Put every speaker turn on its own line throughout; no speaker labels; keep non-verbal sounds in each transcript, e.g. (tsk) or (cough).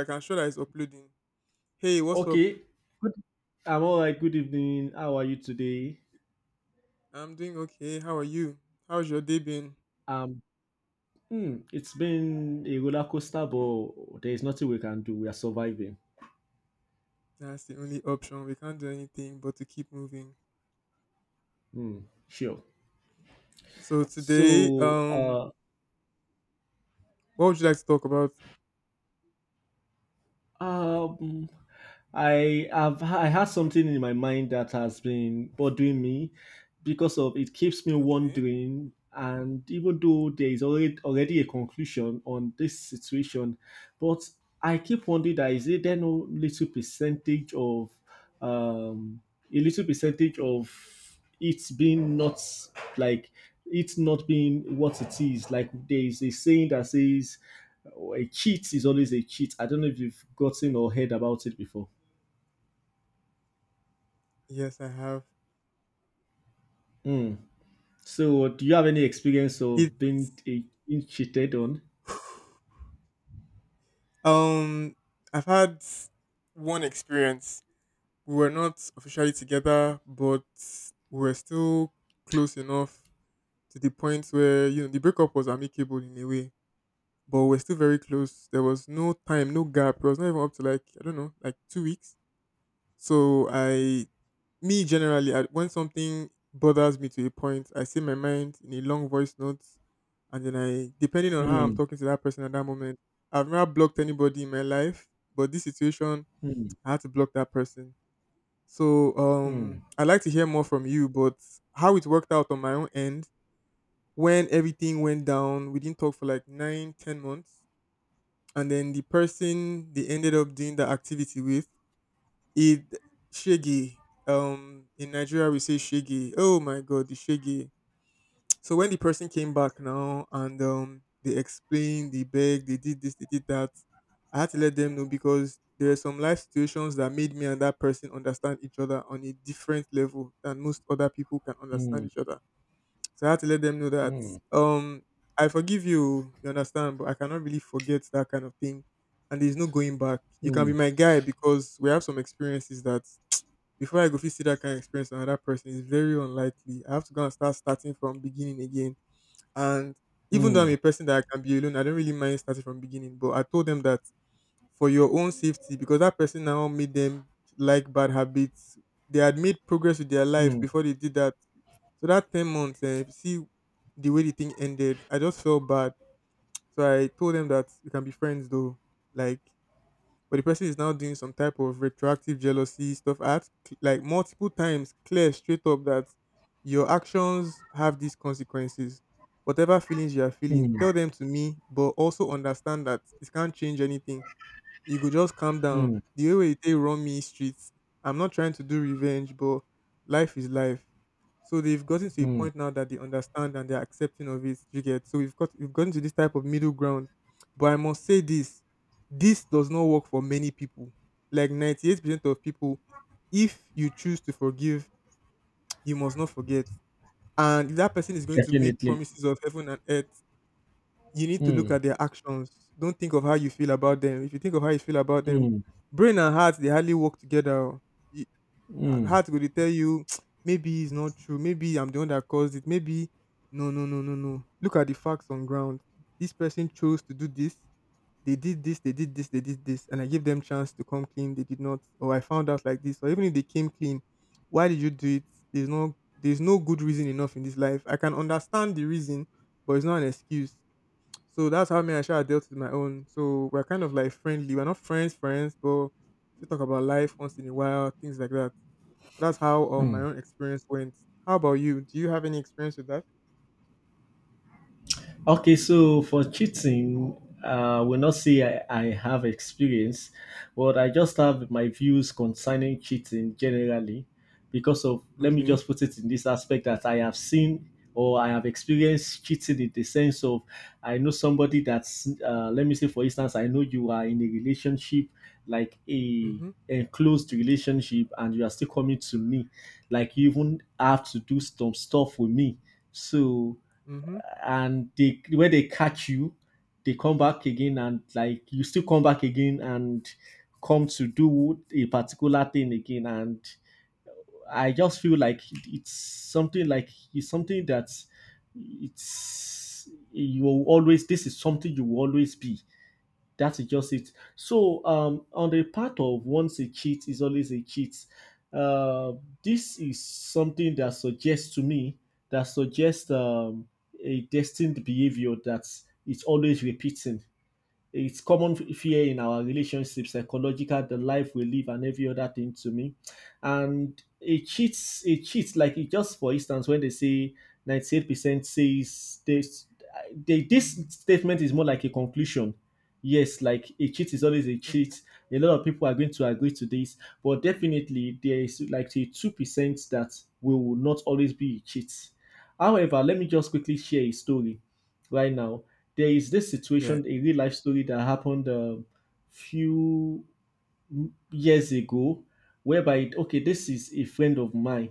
Like, I can show that it's uploading. Hey, what's up?
Okay, I'm all right. Good evening. How are you today?
I'm doing okay. How are you? How's your day been?
Um, it's been a roller coaster, but there is nothing we can do. We are surviving.
That's the only option. We can't do anything but to keep moving.
Hmm, sure.
So today,
So, uh,
what would you like to talk about?
Um, I had something in my mind that has been bothering me because of it keeps me
Okay.
wondering, and even though there is already a conclusion on this situation, but I keep wondering that is it there no little percentage of um a little percentage of it's been not like it's not being what it is. Like there is a saying that says, "Oh, a cheat is always a cheat." I don't know if you've gotten or heard about it before.
Yes, I have.
Hmm. So do you have any experience
It
of being cheated on?
(sighs) um I've had one experience. We were not officially together, but we were still close enough to the point where the breakup was amicable in a way, but we're still very close. There was no time, no gap. It was not even up to, like, I don't know, like 2 weeks. So me generally, when something bothers me to a point, I say my mind in a long voice note, and then I, depending on how I'm
Hmm.
talking to that person at that moment, I've never blocked anybody in my life, but this situation,
Hmm.
I had to block that person. So
Hmm.
I'd like to hear more from you, but how it worked out on my own end, when everything went down, we didn't talk for like 9, 10 months, and then the person they ended up doing that activity with, it shaggy, in Nigeria we say shaggy, oh my god, the shaggy. So when the person came back now and they explained, they begged, they did this, they did that. I had to let them know, because there are some life situations that made me and that person understand each other on a different level than most other people can
Hmm.
understand each other. So I had to let them know that
Hmm.
um I forgive you, you understand, but I cannot really forget that kind of thing. And there's no going back. You can be my guy, because we have some experiences that before I go fit see that kind of experience on another person is very unlikely. I have to go and starting from beginning again. And even though
Hmm.
I'm
Hmm.
a person that I can be alone, I don't really mind starting from beginning. But I told them that, for your own safety, because that person now made them like bad habits. They had made progress with their life
Hmm.
before they did that. So that 10 months, see the way the thing ended, I just felt bad. So I told them that we can be friends though. Like, but the person is now doing some type of retroactive jealousy stuff. I had to, like, multiple times clear straight up that your actions have these consequences. Whatever feelings you are feeling,
Hmm.
tell them to me, but also understand that it can't change anything. You go just calm down.
Hmm.
The way wey you take run me streets. I'm not trying to do revenge, but life is life. So they've gotten to a
Hmm.
point now that they understand and they're accepting of it. You get, so we've gotten to this type of middle ground. But I must say this: this does not work for many people. Like 98% of people, if you choose to forgive, (tsk) you must not forget. And if that person is going to make
Definitely.
promises of heaven and earth, you need to look
Hmm.
at their actions. Don't think of how you feel about them. If you think of how you feel about them,
Hmm.
brain and heart they hardly work together. Oh. You- Heart will tell you, (tsk) maybe it's not true. Maybe I'm the one that caused it. Maybe. No, no, no, no, no. Look at the facts on ground. This person chose to do this. They did this. They did this. They did this. And I gave them chance to come clean. They did not. Or I found out like this. Or even if they came clean, why did you do it? There's no good reason enough in this life. I can understand the reason, but it's not an excuse. So that's how me and Sha dealt with my own. So we're kind of like friendly. We're not friends, friends, but we talk about life once in a while, things like that. So that's how, my
Hmm.
own experience went. How about you? Do you have any experience with that?
Okay, so for cheating, I will not say I have experience, but I just have my views concerning cheating generally because of, let me
Okay.
just put it in this aspect that I have seen or I have experienced cheating in the sense of I know somebody that's, let me say, for instance, I know you are in a relationship, like a
Mm-hmm.
enclosed relationship, and you are still coming to me, like you even have to do some stuff with me. So
Mm-hmm.
and they when they catch you, they come back again, and like you still come back again and come to do a particular thing again. And I just feel like it's something like it's something that it's you will always, this is something you will always be, that is just it. So on the part of once a cheat is always a cheat. Uh, this is something that suggests to me, that suggests a destined behavior that is always repeating. It's common fear in our relationships, psychological, the life we live, and every other thing to me. And it cheats, it cheats. Like it just, for instance, when they say 98% says this, they, this statement is more like a conclusion. Yes, like a cheat is always a cheat.
Okay.
A lot of people are going to agree to this, but definitely there is like a 2% that will not always be a cheat. However, let me just quickly share a story. Right now, there is this
Yeah.
situation, a real life story that happened a few years ago, whereby it, okay, this is a friend of mine.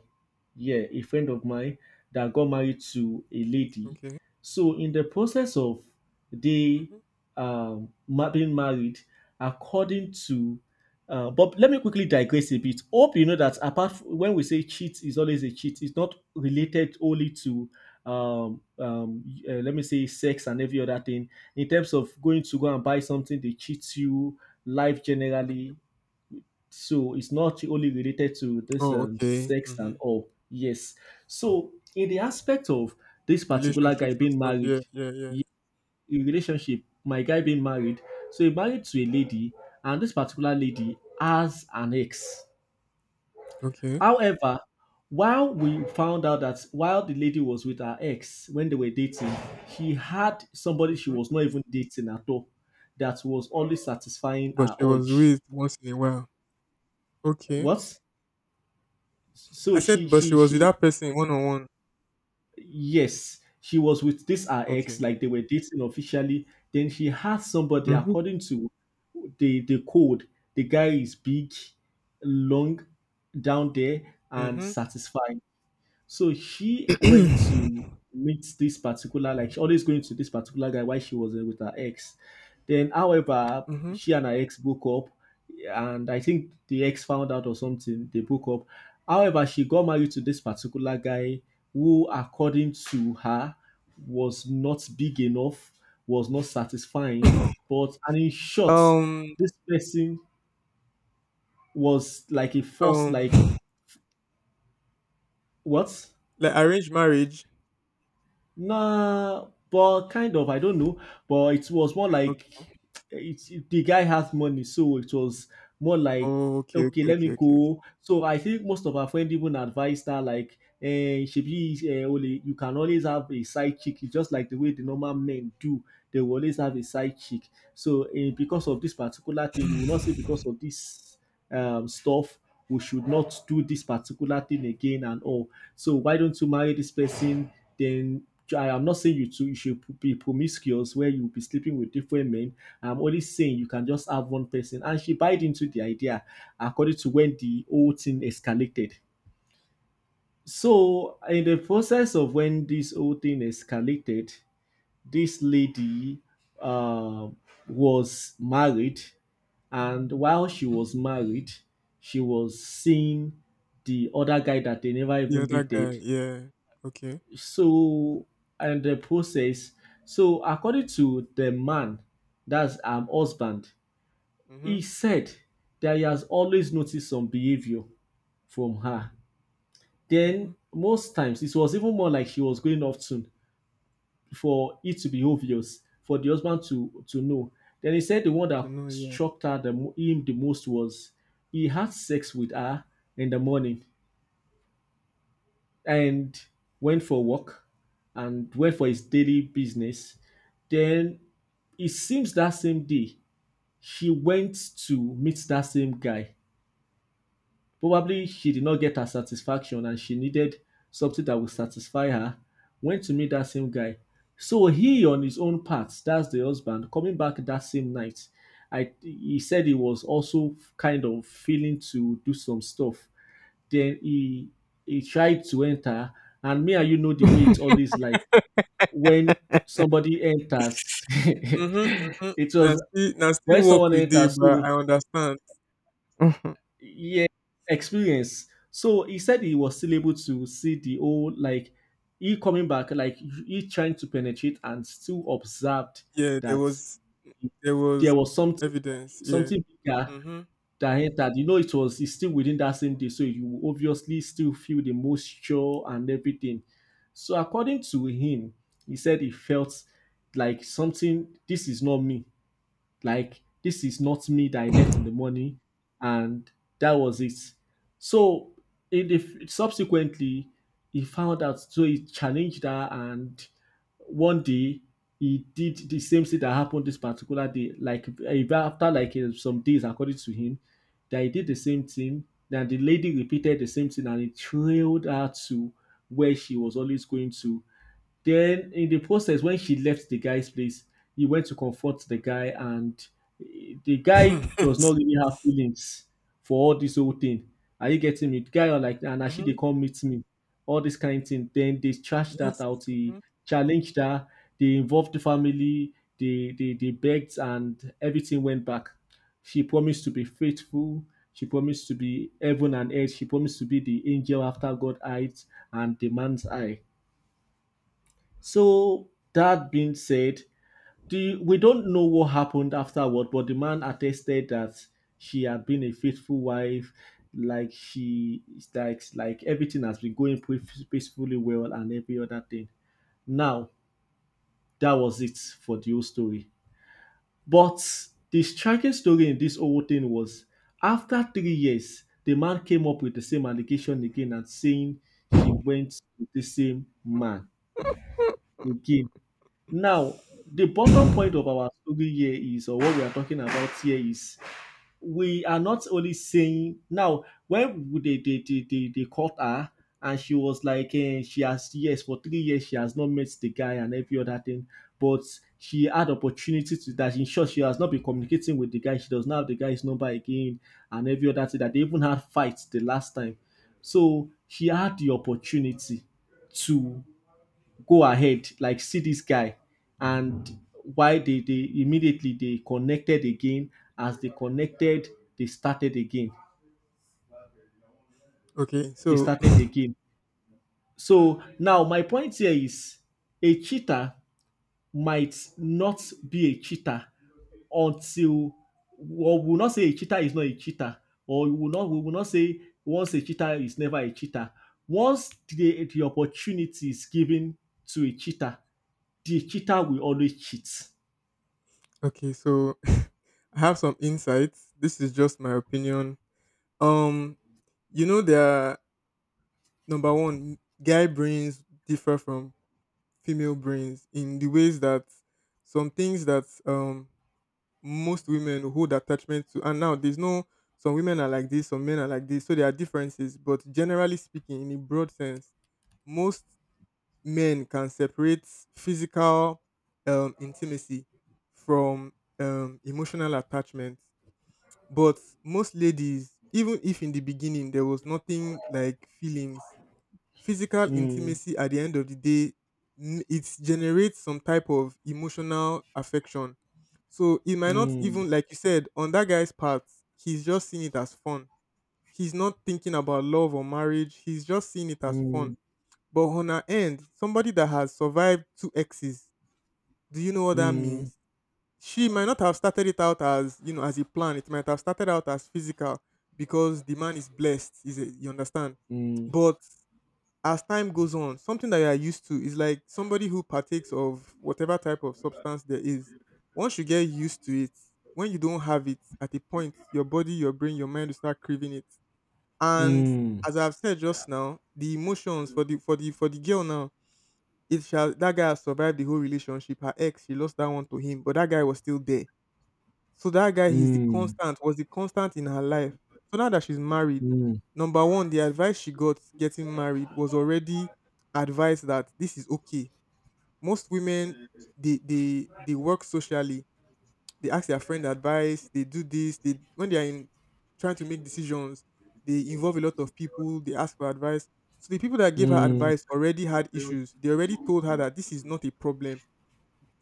Yeah, a friend of mine that got married to a lady.
Okay.
So in the process of they
Mm-hmm.
being married, according to but let me quickly digress a bit. Hope you know that when we say cheat is always a cheat, it's not related only to let me say sex and every other thing. In terms of going to go and buy something, they cheat you. Life generally, so it's not only related to this
Oh, okay.
sex and
Mm-hmm.
all. Yes, so in the aspect of this particular guy
Relationships and
being
stuff.
married,
Yeah. Yeah. Yeah.
y- in relationship my guy being married, so he married to a lady, and this particular lady has an ex.
Okay.
However, while we found out that while the lady was with her ex, when they were dating, he had somebody she
Mm-hmm.
was not even dating at all, that was only satisfying
But
her
she was
urge.
with once in a while. Okay.
What? So
I
she
said, but she
she
was with
she
that person one on one.
yes, she was with this her ex,
Okay.
like they were dating officially. Then she had somebody,
Mm-hmm.
according to the code, the guy is big, long, down there, and
Mm-hmm.
satisfying. So she went to meet this particular, like she always going to this particular guy while she was with her ex. Then, however,
Mm-hmm.
she and her ex broke up, and I think the ex found out or something. They broke up. However, she got married to this particular guy who, according to her, was not big enough, was not satisfying.
(coughs)
But and in short,
Um,
this person was like a force,
um,
like
(laughs)
what?
like arranged marriage.
Nah, but kind of, I don't know. But it was more
O-
like it's it, the guy has money, so it was more like
Oh, okay,
okay,
okay,
let me
okay, okay, okay.
go. So I think most of our friends even advised her like, eh, shebi, eh, only you can always have a side chick. It's just like the way the normal men do. They will always have a side chick. So eh, because of this particular thing, you will not say because of this stuff we should not do this particular thing again and all. So why don't you marry this person? Then I am not saying you two you should be promiscuous where you'll be sleeping with different men. I'm only saying you can just have one person. And she bought into the idea, according to when the whole thing escalated. So in the process of when this whole thing escalated, this lady uh, was married, and while she
Mhm.
was married, she was seeing the other guy that they never
The
even
other guy,
dated.
yeah. Okay.
So and the process, so according to the man, that's husband,
Mhm.
he said that he has always noticed some behavior from her. Then
Mhm.
most times it was even more like she was going off soon for it to be obvious for the husband to know. Then he said the one
To
that
know, yeah.
struck her him the most was he had sex with her in the morning and went for a walk and went for his daily business. Then it seems that same day she went to meet that same guy. Probably she did not get her satisfaction and she needed something that would satisfy her. Went to meet that same guy. So he, on his own part, that's the husband, coming back that same night, I he said he was also kind of feeling to do some stuff. Then he tried to enter, and me and you know the way it's always like when somebody enters. (laughs)
Mhm. Mhm.
It
Now
was
still, now
when
still work
someone
with day,
enters,
but
so
I understand. Mhm.
yeah, experience. So he said he was still able to see the whole, like he coming back, like he trying to penetrate and still observed
Yeah, there
that
was, there
there
was
was something
evidence.
like,
Yeah.
something bigger
Mhm.
that entered, you know. It was it's still within that same day, so you will obviously still feel the moisture and everything. So according to him, he said he felt like something. This is not me, like this is not me that I left in
Mhm.
the morning, and that was it. So in the subsequently, he found out. So he challenged her, and one day he did the same thing that happened this particular day. Like even after like eh, some days, according to him, that he did the same thing. Then the lady repeated the same thing, and it trailed her to where she was always going to. Then in the process, when she left the guy's place, he went to comfort the guy, and eh, the guy does not
(coughs)
really have feelings for all this whole thing. Are you getting me? The guy are like, and she they come
(laughs)
meet me, all this kind of thing. Then they trashed that
Yes.
out. He
Mhm.
challenged her. They involved the family. They begged, and everything went back. She promised to be faithful. She promised to be heaven and earth. She promised to be the angel after God eyes and the man's eye. So that being said, the, we don't know what happened afterward, but the man attested that she had been a faithful wife, like she like everything has been going peacefully well and every other thing. Now that was it for the whole story. But the striking story in this whole thing was after 3 years, the man came up with the same allegation again and saying she went with the same man again. Now, the bottom point of our story here is, or what we are talking about here is, we are not only saying now when they caught her and she was like, eh, she has yes for 3 years she has not met the guy and every other thing, but she had opportunity to that. In short, she has not been communicating with the guy. She does not have the guy's number again and every other thing. That they even had fights the last time, so she had the opportunity to go ahead, like, see this guy. And why they immediately they connected again. As they connected, they started again
Okay.
they
So,
started
(coughs)
again So now my point here is, a cheater might not be a cheater until, or we will not say a cheater is not a cheater, or we will not say once a cheater is never a cheater. Once the opportunity is given to a cheater, the cheater will always cheat.
(laughs) okay. So, (laughs) I have some insights. This is just my opinion. Um, you know there are, number one, guy brains differ from female brains in the ways that some things that most women hold attachment to, and now there's no, some women are like this, some men are like this, so there are differences. But generally speaking, in a broad sense, most men can separate physical intimacy from emotional attachment. But most ladies, even if in the beginning there was nothing like feelings, physical
Mm,
intimacy at the end of the day, it generates some type of emotional affection. So it might not
mm,
even, like you said, on that guy's part, he's just seeing it as fun. He's not thinking about love or marriage. He's just seeing it as
mm,
fun. But on her end, somebody that has survived two exes, do you know what that
mm,
means? She might not have started it out as, as a plan. It might have started out as physical because the man is blessed. Is it, you understand?
mm,
But as time goes on, something that you are used to is like somebody who partakes of whatever type of substance there is. Once you get used to it, when you don't have it, at a point, your body, your brain, your mind will start craving it. And
mm,
as I've said just now, the emotions for the for the girl now, it shall that guy has survived the whole relationship. Her ex, she lost that one to him, but that guy was still there, so that guy is the
mm,
constant, was the constant in her life. So now that she's married,
mm,
number one, the advice she got getting married was already advice that this is okay. Most women, they work socially, they ask their friend advice, they do this, they, when they are in trying to make decisions, they involve a lot of people, they ask for advice. So the people that gave her
mm,
advice already had issues. They already told her that this is not a problem.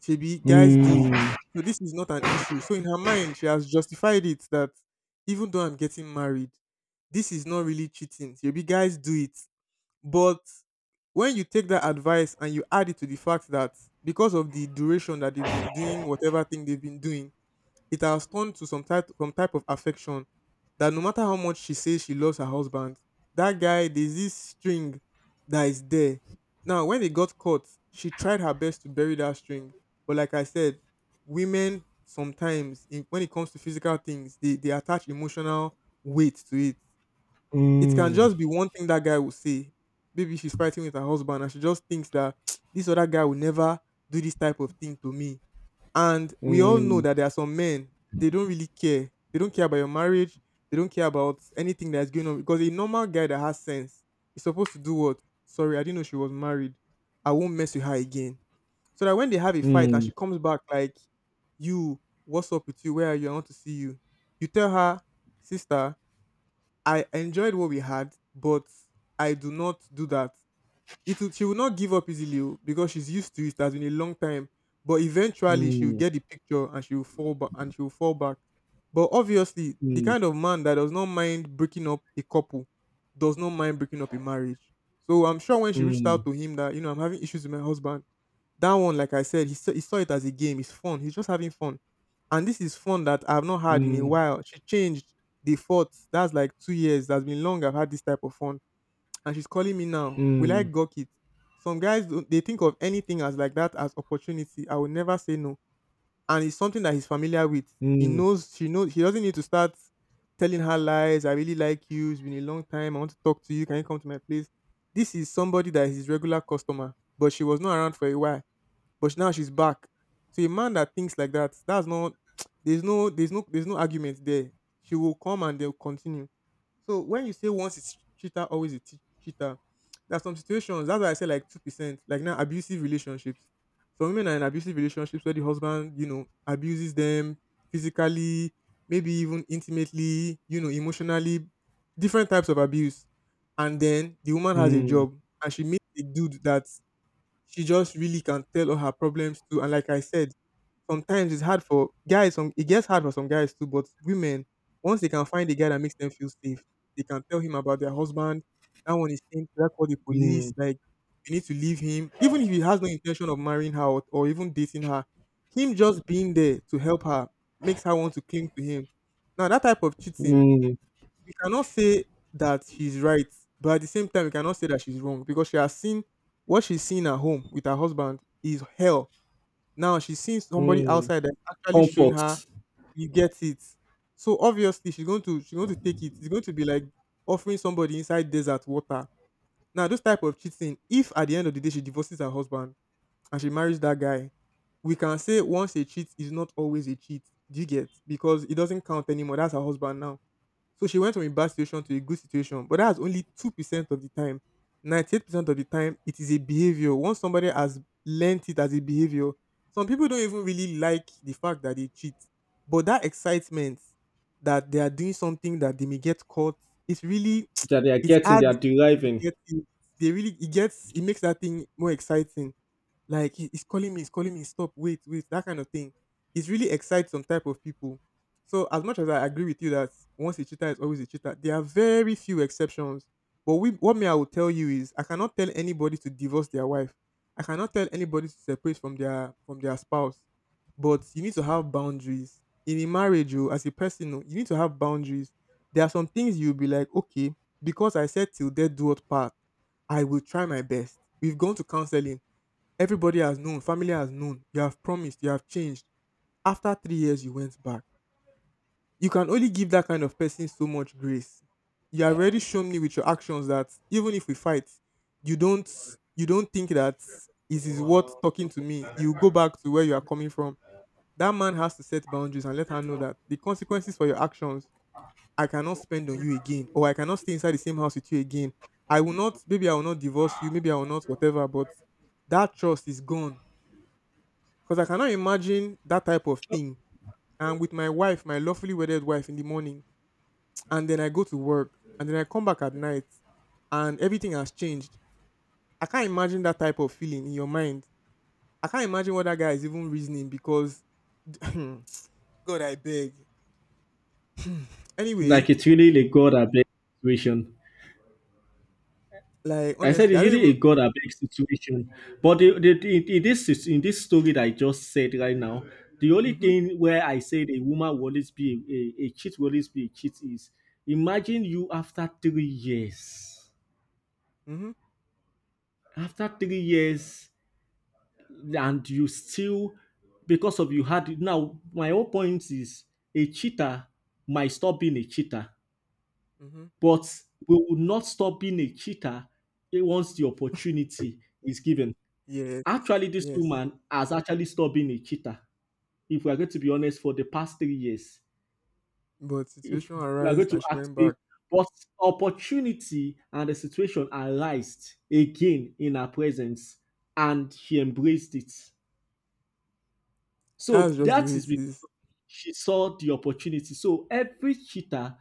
Shebi guys do
mm,
it.
mm,
So this is not an issue. So in her mind, she has justified it that even though I'm getting married, this is not really cheating. Shebi guys do it. But when you take that advice and you add it to the fact that, because of the duration that they've been doing whatever thing they've been doing, it has turned to some type of affection that no matter how much she says she loves her husband, that guy, there's this string that is there. Now, when it got caught, she tried her best to bury that string, but like I said, women sometimes in, when it comes to physical things, they attach emotional weight to it.
mm,
It can
mm, mm,
just be one thing that guy will say. Maybe she's fighting with her husband and she just thinks that (tsk) this other guy will never do this type of thing to me, and we all know that there are some men, they don't really care. They don't care about your marriage. They don't care about anything that's going on. Because a normal guy that has sense is supposed to do what? Sorry, I didn't know she was married. I won't mess with her again. So that when they have a fight and she comes back like, you, what's up with you? Where are you? I want to see you. You tell her, sister, I enjoyed what we had, but I do not do that. It will, she will not give up easily oh, because she's used to it. It has been a long time, but
mm,
eventually she will
mm, mm,
get the picture and she will fall back and she will fall back. But obviously, the
mm, mm,
kind of man that does not mind breaking up a couple does not mind breaking up a marriage. So I'm sure when she reached out to him that, you know, I'm having issues with my husband. That one, like I said, he saw it as a game. It's fun. He's just having fun, and this is fun that I've not had in a while. She changed the fought. That's like 2 years. That's been long. I've had this type of fun and she's calling me now. Will I gawk it? Some guys they think of anything as like that as opportunity. I will never say no, and it's something that he's familiar with. He knows she knows he doesn't need to start telling her lies. I really like you. It's been a long time. I want to talk to you. Can you come to my place? This is somebody that is his regular customer, but she was not around for a while but now she's back. So a man that thinks like that, that's not (tsk) there's no argument there. She will come and they'll continue. So when you say once it's cheater, always a cheater, there are some situations. That's why I say like 2%, like now abusive relationships. Some women are in abusive relationships where the husband, you know, abuses them physically, maybe even intimately, you know, emotionally, different types of abuse. And then the woman has a job and she meets a dude that she just really can tell all her problems too. And like I said, sometimes it's hard for guys. Some it gets hard for some guys too, but women once they can find a guy that makes them feel safe, they can tell him about their husband. That one is saying that call the
mm,
police.
mm,
Like you need to leave him, even if he has no intention of marrying her or even dating her. Him just being there to help her makes her want to cling to him. Now that type of cheating
mm,
we cannot say that she's right, but at the same time, we cannot say that she's wrong because she has seen what she's seen at home with her husband is hell. Now she's seen somebody
mm.
outside that's actually showing her,
Comfort
you get it. So obviously she's going to take it. It's going to be like offering somebody inside desert water. Now those type of cheating, if at the end of the day she divorces her husband and she marries that guy, we can say once a cheat is not always a cheat. Do you get? Because it doesn't count anymore. That's her husband now, so she went from a bad situation to a good situation, but that's only 2% of the time. 98% of the time, it is a behavior. Once somebody has learnt it as a behavior, some people don't even really like the fact that they cheat. But that excitement that they are doing something that they may get caught, it's really,
that they are
(tsk) it
getting, they are
adds, you
deriving.
get it. They really, it gets, it makes that thing more exciting. Like he's calling me, stop, wait, wait, that kind of thing. It really excites some type of people. So as much as I agree with you that once a cheater is always a cheater, there are very few exceptions. But we, what me I will tell you is I cannot tell anybody to divorce their wife. I cannot tell anybody to separate from their spouse. But you need to have boundaries. In a marriage, oh, as a person, oh, you need to have boundaries. There are some things you'll be like, okay, because I said till death do us part, I will try my best. We've gone to counseling. Everybody has known, family has known. You have promised, you have changed. After 3 years, you went back. You can only give that kind of person so much grace. You have already shown me with your actions that even if we fight, you don't you don't think that it is worth talking to me. You go back to where you are coming from. That man has to set boundaries and let her know that the consequences for your actions, I cannot spend on you again, or I cannot stay inside the same house with you again. I will not, maybe I will not divorce you, maybe I will not, whatever, but that trust is gone. Because I cannot imagine that type of thing. And with my wife, my lovely wedded wife in the morning, (tsk) and then I go to work, and then I come back at night, and everything has changed. I can't imagine that type of feeling in your mind. I can't imagine what that guy is even reasoning because, (clears throat) God, I beg. (clears throat) Hmm.
Like
Anyway,
it's really the God abeg situation.
like,
I said
honestly,
it's
I don't
really a
even.
God abeg situation. But the, in, this, is- in this story that I just said right now, the only
Mm-hmm,
thing where I said a woman will always be a cheat will always be a cheat is, imagine you after 3 years.
mm-hmm,
After 3 years, and you still, because of, you had, now my whole point is, a cheater might stop being a cheater,
mm-hmm.
but we will not stop being a cheater once the opportunity is given.
Yes,
Actually, this
yes.
woman has actually stopped being a cheater, if we are going to be honest, for the past 3 years.
But
If
situation
we are going
arise and
to
she
act
went
based,
back.
but opportunity and the situation arised again in her presence, and she embraced it. So
That's just the
that
way
is
it
because
is.
of, she saw the opportunity. So every cheater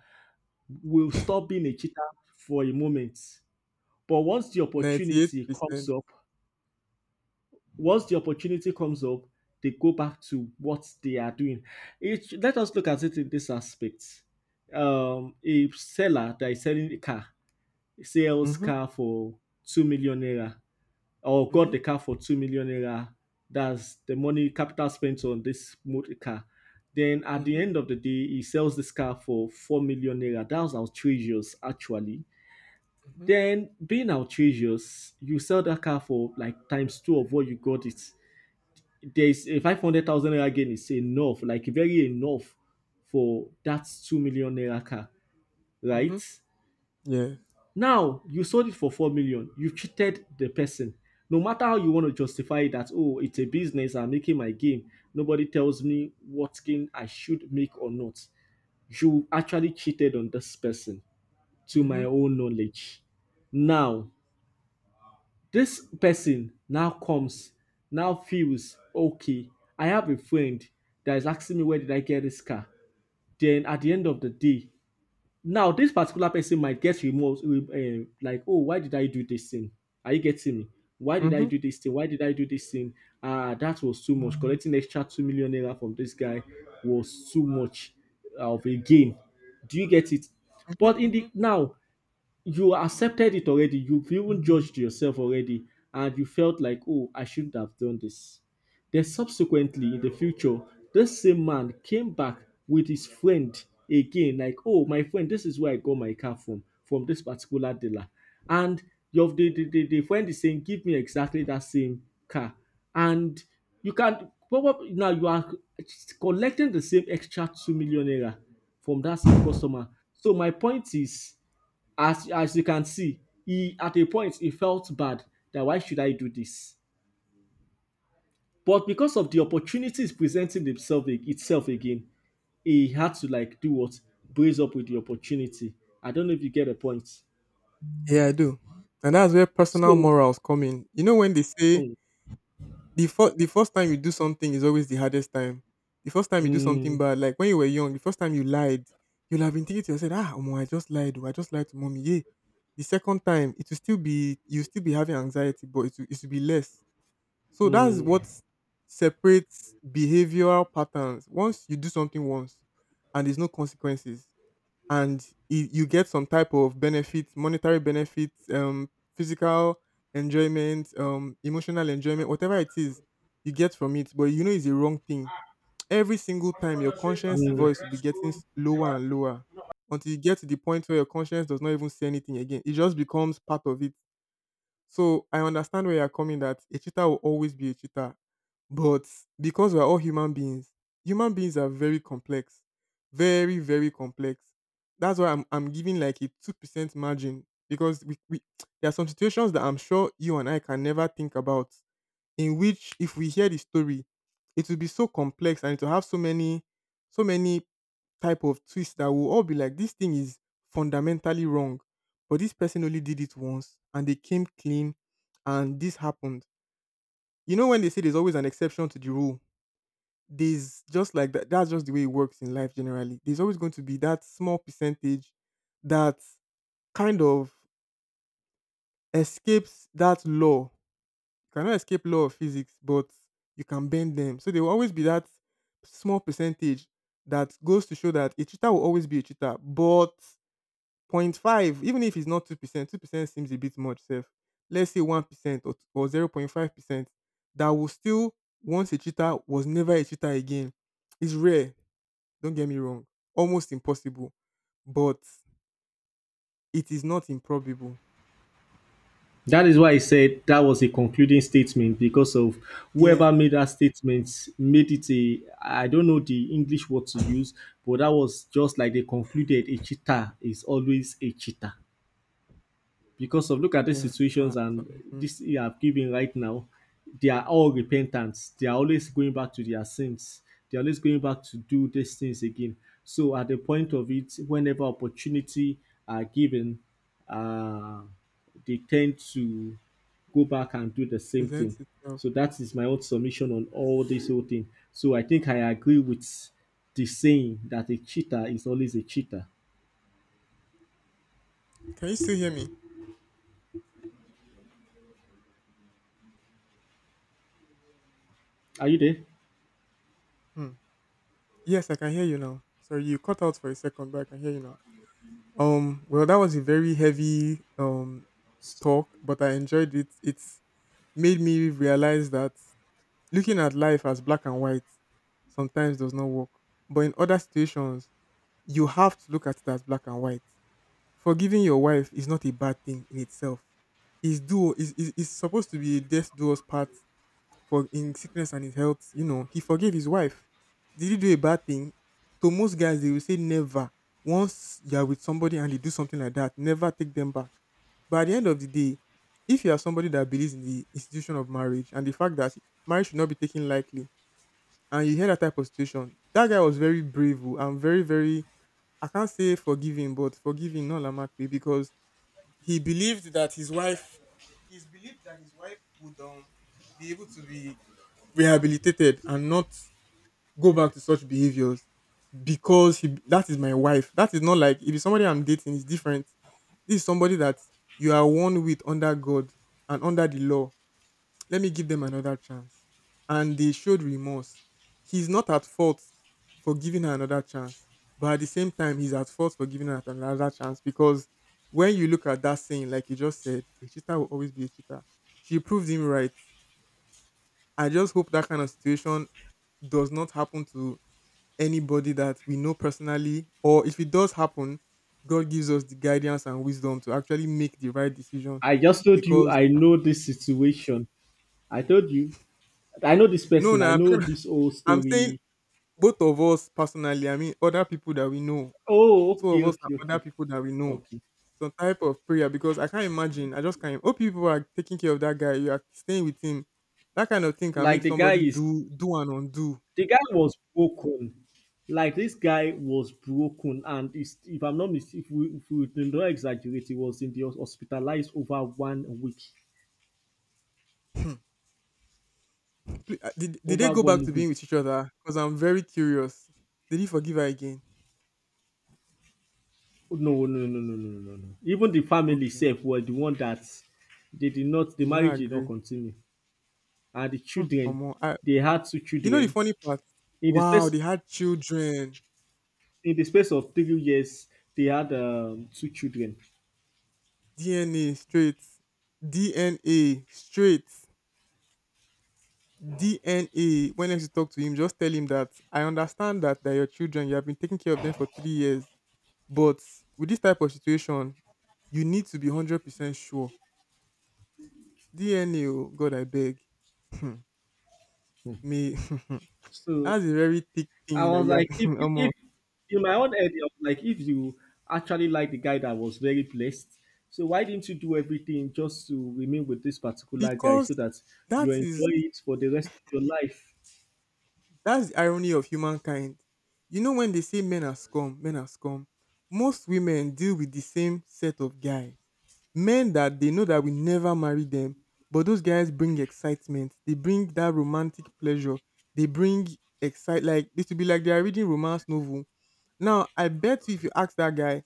will stop being a cheater for a moment. But once the opportunity comes
98%.
up, once the opportunity comes up, they go back to what they are doing. Let us look at it in this aspect. A seller that is selling a car sells
Mm-hmm,
car for 2 million naira, or got
mm-hmm,
the car for 2 million naira. That's the money capital spent on this motor car. Then at the
mm-hmm,
end of the day, he sells this car for 4 million naira. That's outrageous, actually.
mm-hmm.
Then being outrageous, you sell that car for like times two of what you got it, there's a 500,000 naira gain, is enough, like very enough for that 2 million naira car, right?
Mhm. Yeah.
Now, you sold it for 4 million. You've cheated the person. No matter how you want to justify that, oh, it's a business, I'm making my game. Nobody tells me what gain I should make or not. You actually cheated on this person, to my
Mhm.
own knowledge. Now, this person now comes, now feels okay. I have a friend that is asking me, where did I get this car. Then at the end of the day, now this particular person might get remorse, like, oh, why did I do this thing? Are you getting me? Why did I
Mhm.
do this thing? Why did I do this thing? Ah, that was too much. Collecting extra 2 million naira from this guy was too much of a gain. Do you get it?
Mhm.
But in the
Mhm.
now, you accepted it already, you've even judged yourself already, and you felt like, oh, I shouldn't have done this. Then subsequently in the future, this same man came back with his friend, again, like, oh, my friend, this is where I got my car from this particular dealer. And your the friend is saying, give me exactly that same car. And you can probably now, you are collecting the same extra 2 million naira from that same customer. So my point is, as you can see, he, at a point, he felt bad, that why should I do this? But because of the opportunities presenting themselves itself again, he had to, like, do what, brace up with the opportunity. I don't know if you get the point.
Yeah, I do. And that's where personal
So,
morals come in. You know when they say
mm,
the first time you do something is always the hardest time. The first time you do
mm,
something bad, like when you were young, the first time you lied, you'll have been thinking to yourself, ah, omo, I just lied, oh, I just lied to mommy. Yeah. The second time, it will still be you'll still be having anxiety, but it will be less. So that's
mm,
what separates behavioral patterns. Once you do something once and there's no consequences, and you get some type of benefit, monetary benefit, physical enjoyment, emotional enjoyment, whatever it is you get from it, but you know it's a wrong thing. Every single time, your conscience voice will be getting
mm.
lower and lower until you get to the point where your conscience does not even say anything again. It just becomes part of it. So I understand where you're coming that a cheater will always be a cheater. But because we're all human beings are very complex. Very, very complex. That's why I'm giving like a 2% margin because we (tsk) there are some situations that I'm sure you and I can never think about in which if we hear the story, it will be so complex and it will have so many, so many type of twists that will all be like, this thing is fundamentally wrong, but this person only did it once and they came clean, and this happened. You know when they say there's always an exception to the rule, there's just like that. That's just the way it works in life generally. There's always going to be that small percentage that kind of escapes that law. You cannot escape law of physics, but you can bend them. So there will always be that small percentage that goes to show that a cheater will always be a cheater. But point 0.5, even if it's not 2%, 2% seems a bit much, safe. Let's say 1% or 0.5%, that will still, once a cheater, was never a cheater again. It's rare, don't get me wrong, almost impossible, but it is not improbable.
That is why I said that was a concluding statement, because of,
Yeah.
whoever made that statement made it, a, I don't know the English word to use, but that was just like, they concluded a cheater is always a cheater because of, look at these
Yes.
situations. And
Mhm,
this you have given right now, they are all repentants, they are always going back to their sins, they're always going back to do these things again. So at the point of it, whenever opportunity are given, uh, they tend to go back and do the same thing.
presents itself.
So
Yeah.
that is my own submission on all this whole thing. So I think I agree with the saying that a cheater is always a cheater.
Can you still hear me?
Are you there?
Hmm. Yes, I can hear you now. Sorry, you cut out for a second, but I can hear you now. Well, that was a very heavy talk, but I enjoyed it. It's made me realize that looking at life as black and white sometimes does not work. But in other situations, you have to look at it as black and white. Forgiving your wife is not a bad thing in itself. It's do is supposed to be a death do us part, for in sickness and his health, you know, he forgave his wife. Did he do a bad thing? To most guys, they will say never. Once you are with somebody and they do something like that, never take them back. But at the end of the day, if you are somebody that believes in the institution of marriage and the fact that marriage should not be taken lightly, and you hear that type of situation, that guy was very brave oh, and very, very, I can't say forgiving, but forgiving no Lamakwe because he believed that his wife, he's believed that his wife would be able to be rehabilitated and not go back to such behaviors because he, that is my wife. That is not like if it's somebody I'm dating, it's different. This is somebody that you are one with under God and under the law. Let me give them another chance. And they showed remorse. He's not at fault for giving her another chance, but at the same time, he's at fault for giving her another chance because when you look at that saying, like you just said, a cheater will always be a cheater. She proved him right. I just hope that kind of situation does not happen to anybody that we know personally, or if it does happen, God gives us the guidance and wisdom to actually make the right decision.
I just told you
Because
I know this situation. I told you I know this
no,
person.
no,
I know this whole
(laughs) I'm saying
story.
both of us personally. I mean, other people that we know,
Oh,
two
okay,
of us
okay,
and other
okay,
people that we know.
okay.
Some type of prayer because I can't imagine. I just can't. Oh, people are taking care of that guy. You are staying with him. That kind of thing can make
Like
somebody do and undo.
the guy was broken. Like this guy was broken, and is, if I'm not mistaken, if we do not exaggerate, he was hospitalized over one week.
(laughs) Did they
Over
go back
one
to
week.
being with each other? Because I'm very curious. Did he forgive her again?
No, no, no, no, no, no, no. No. Even the family
Okay.
itself were the one that, they did not. The
They did not
marriage did not
agree.
continue. And the
Hmm,
children,
Omo,
they had two
you know the
children,
funny part?
in the
Wow,
space
they had children.
in the space of 3 years they had, two children.
DNA straight. DNA straight. DNA. When next you talk to him, just tell him that I understand that they're your children. You have been taking care of them for 3 years. But with this type of situation, you need to be 100% sure. DNA, oh, God, I beg. Hmm, Me. (laughs)
So
That's a very thick
I
thing that
was
you have
like,
(laughs)
if,
in
if,
omo.
if in my own head I was like, if you actually like the guy that was very blessed, so why didn't you do everything just to remain with this particular guy
Because
so that you
that is
enjoy it for the rest of your life?
that's the irony of humankind. You know when they say men are scum, men are scum. Most women deal with the same set of guys. Men that they know that will never marry them, but those guys bring excitement. They bring that romantic pleasure. They bring excite like this will be like they are reading romance novel. Now I bet you if you ask that guy,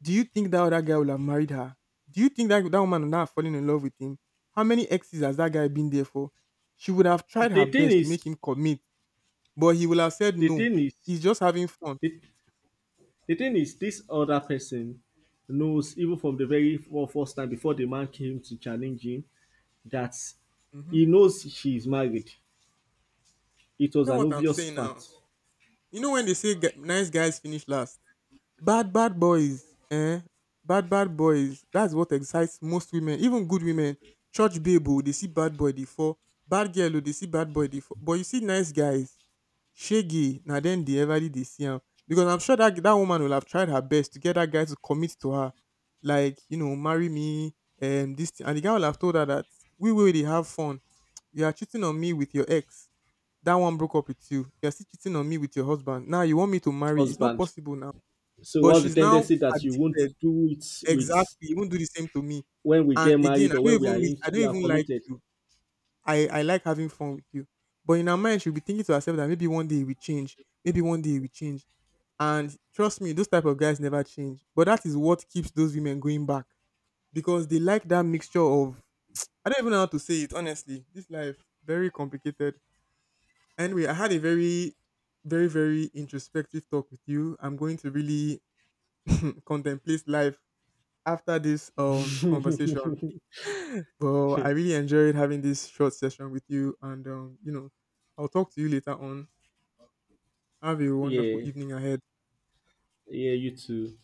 do you think that other guy would have married her? Do you think that that woman would not have fallen in love with him? How many exes has that guy been there for? She would have tried
The
her
thing
best to
is
make him commit, but he will have said
the
no.
thing is
He's just having fun.
the, the thing is, this other person knows, even from the very first time before the man came to challenge him, that
Mm-hmm.
he knows she is married. It was
That's
an
what I'm
obvious
saying now.
fact,
You know when they say nice guys finish last, bad bad boys, eh? Bad bad boys. That's what excites most women, even good women. Church babe, oh, they see bad boy, they fall. Bad girl, oh, they see bad boy, they fall. But you see nice guys Shege na dem dey everly dey see am because I'm sure that that woman will have tried her best to get that guy to commit to her, like you know, marry me, and this thing, and the guy will have told her that we will dey have fun. You are cheating on me with your ex. That one broke up with you. You are still cheating on me with your husband. Now you want me to marry? It's not
husband.
possible now.
So
But
what's the
she's now
tendency that you won't
addicted.
do it
Exactly.
with
You won't do the same to me.
when we
And
get
again,
married, or when
I don't
we are
even like
committed?
you. I like having fun with you. But in our mind, she'll be thinking to herself that maybe one day we change. Maybe one day we change. And trust me, those type of guys never change. But that is what keeps those women going back because they like that mixture of I don't even know how to say it honestly. This life very complicated. Anyway, I had a very, very, very introspective talk with you. I'm going to really (clears throat) contemplate life after this conversation.
(laughs)
But I really enjoyed having this short session with you, and you know, I'll talk to you later on. Have a wonderful
Yeah,
evening ahead.
yeah, you too.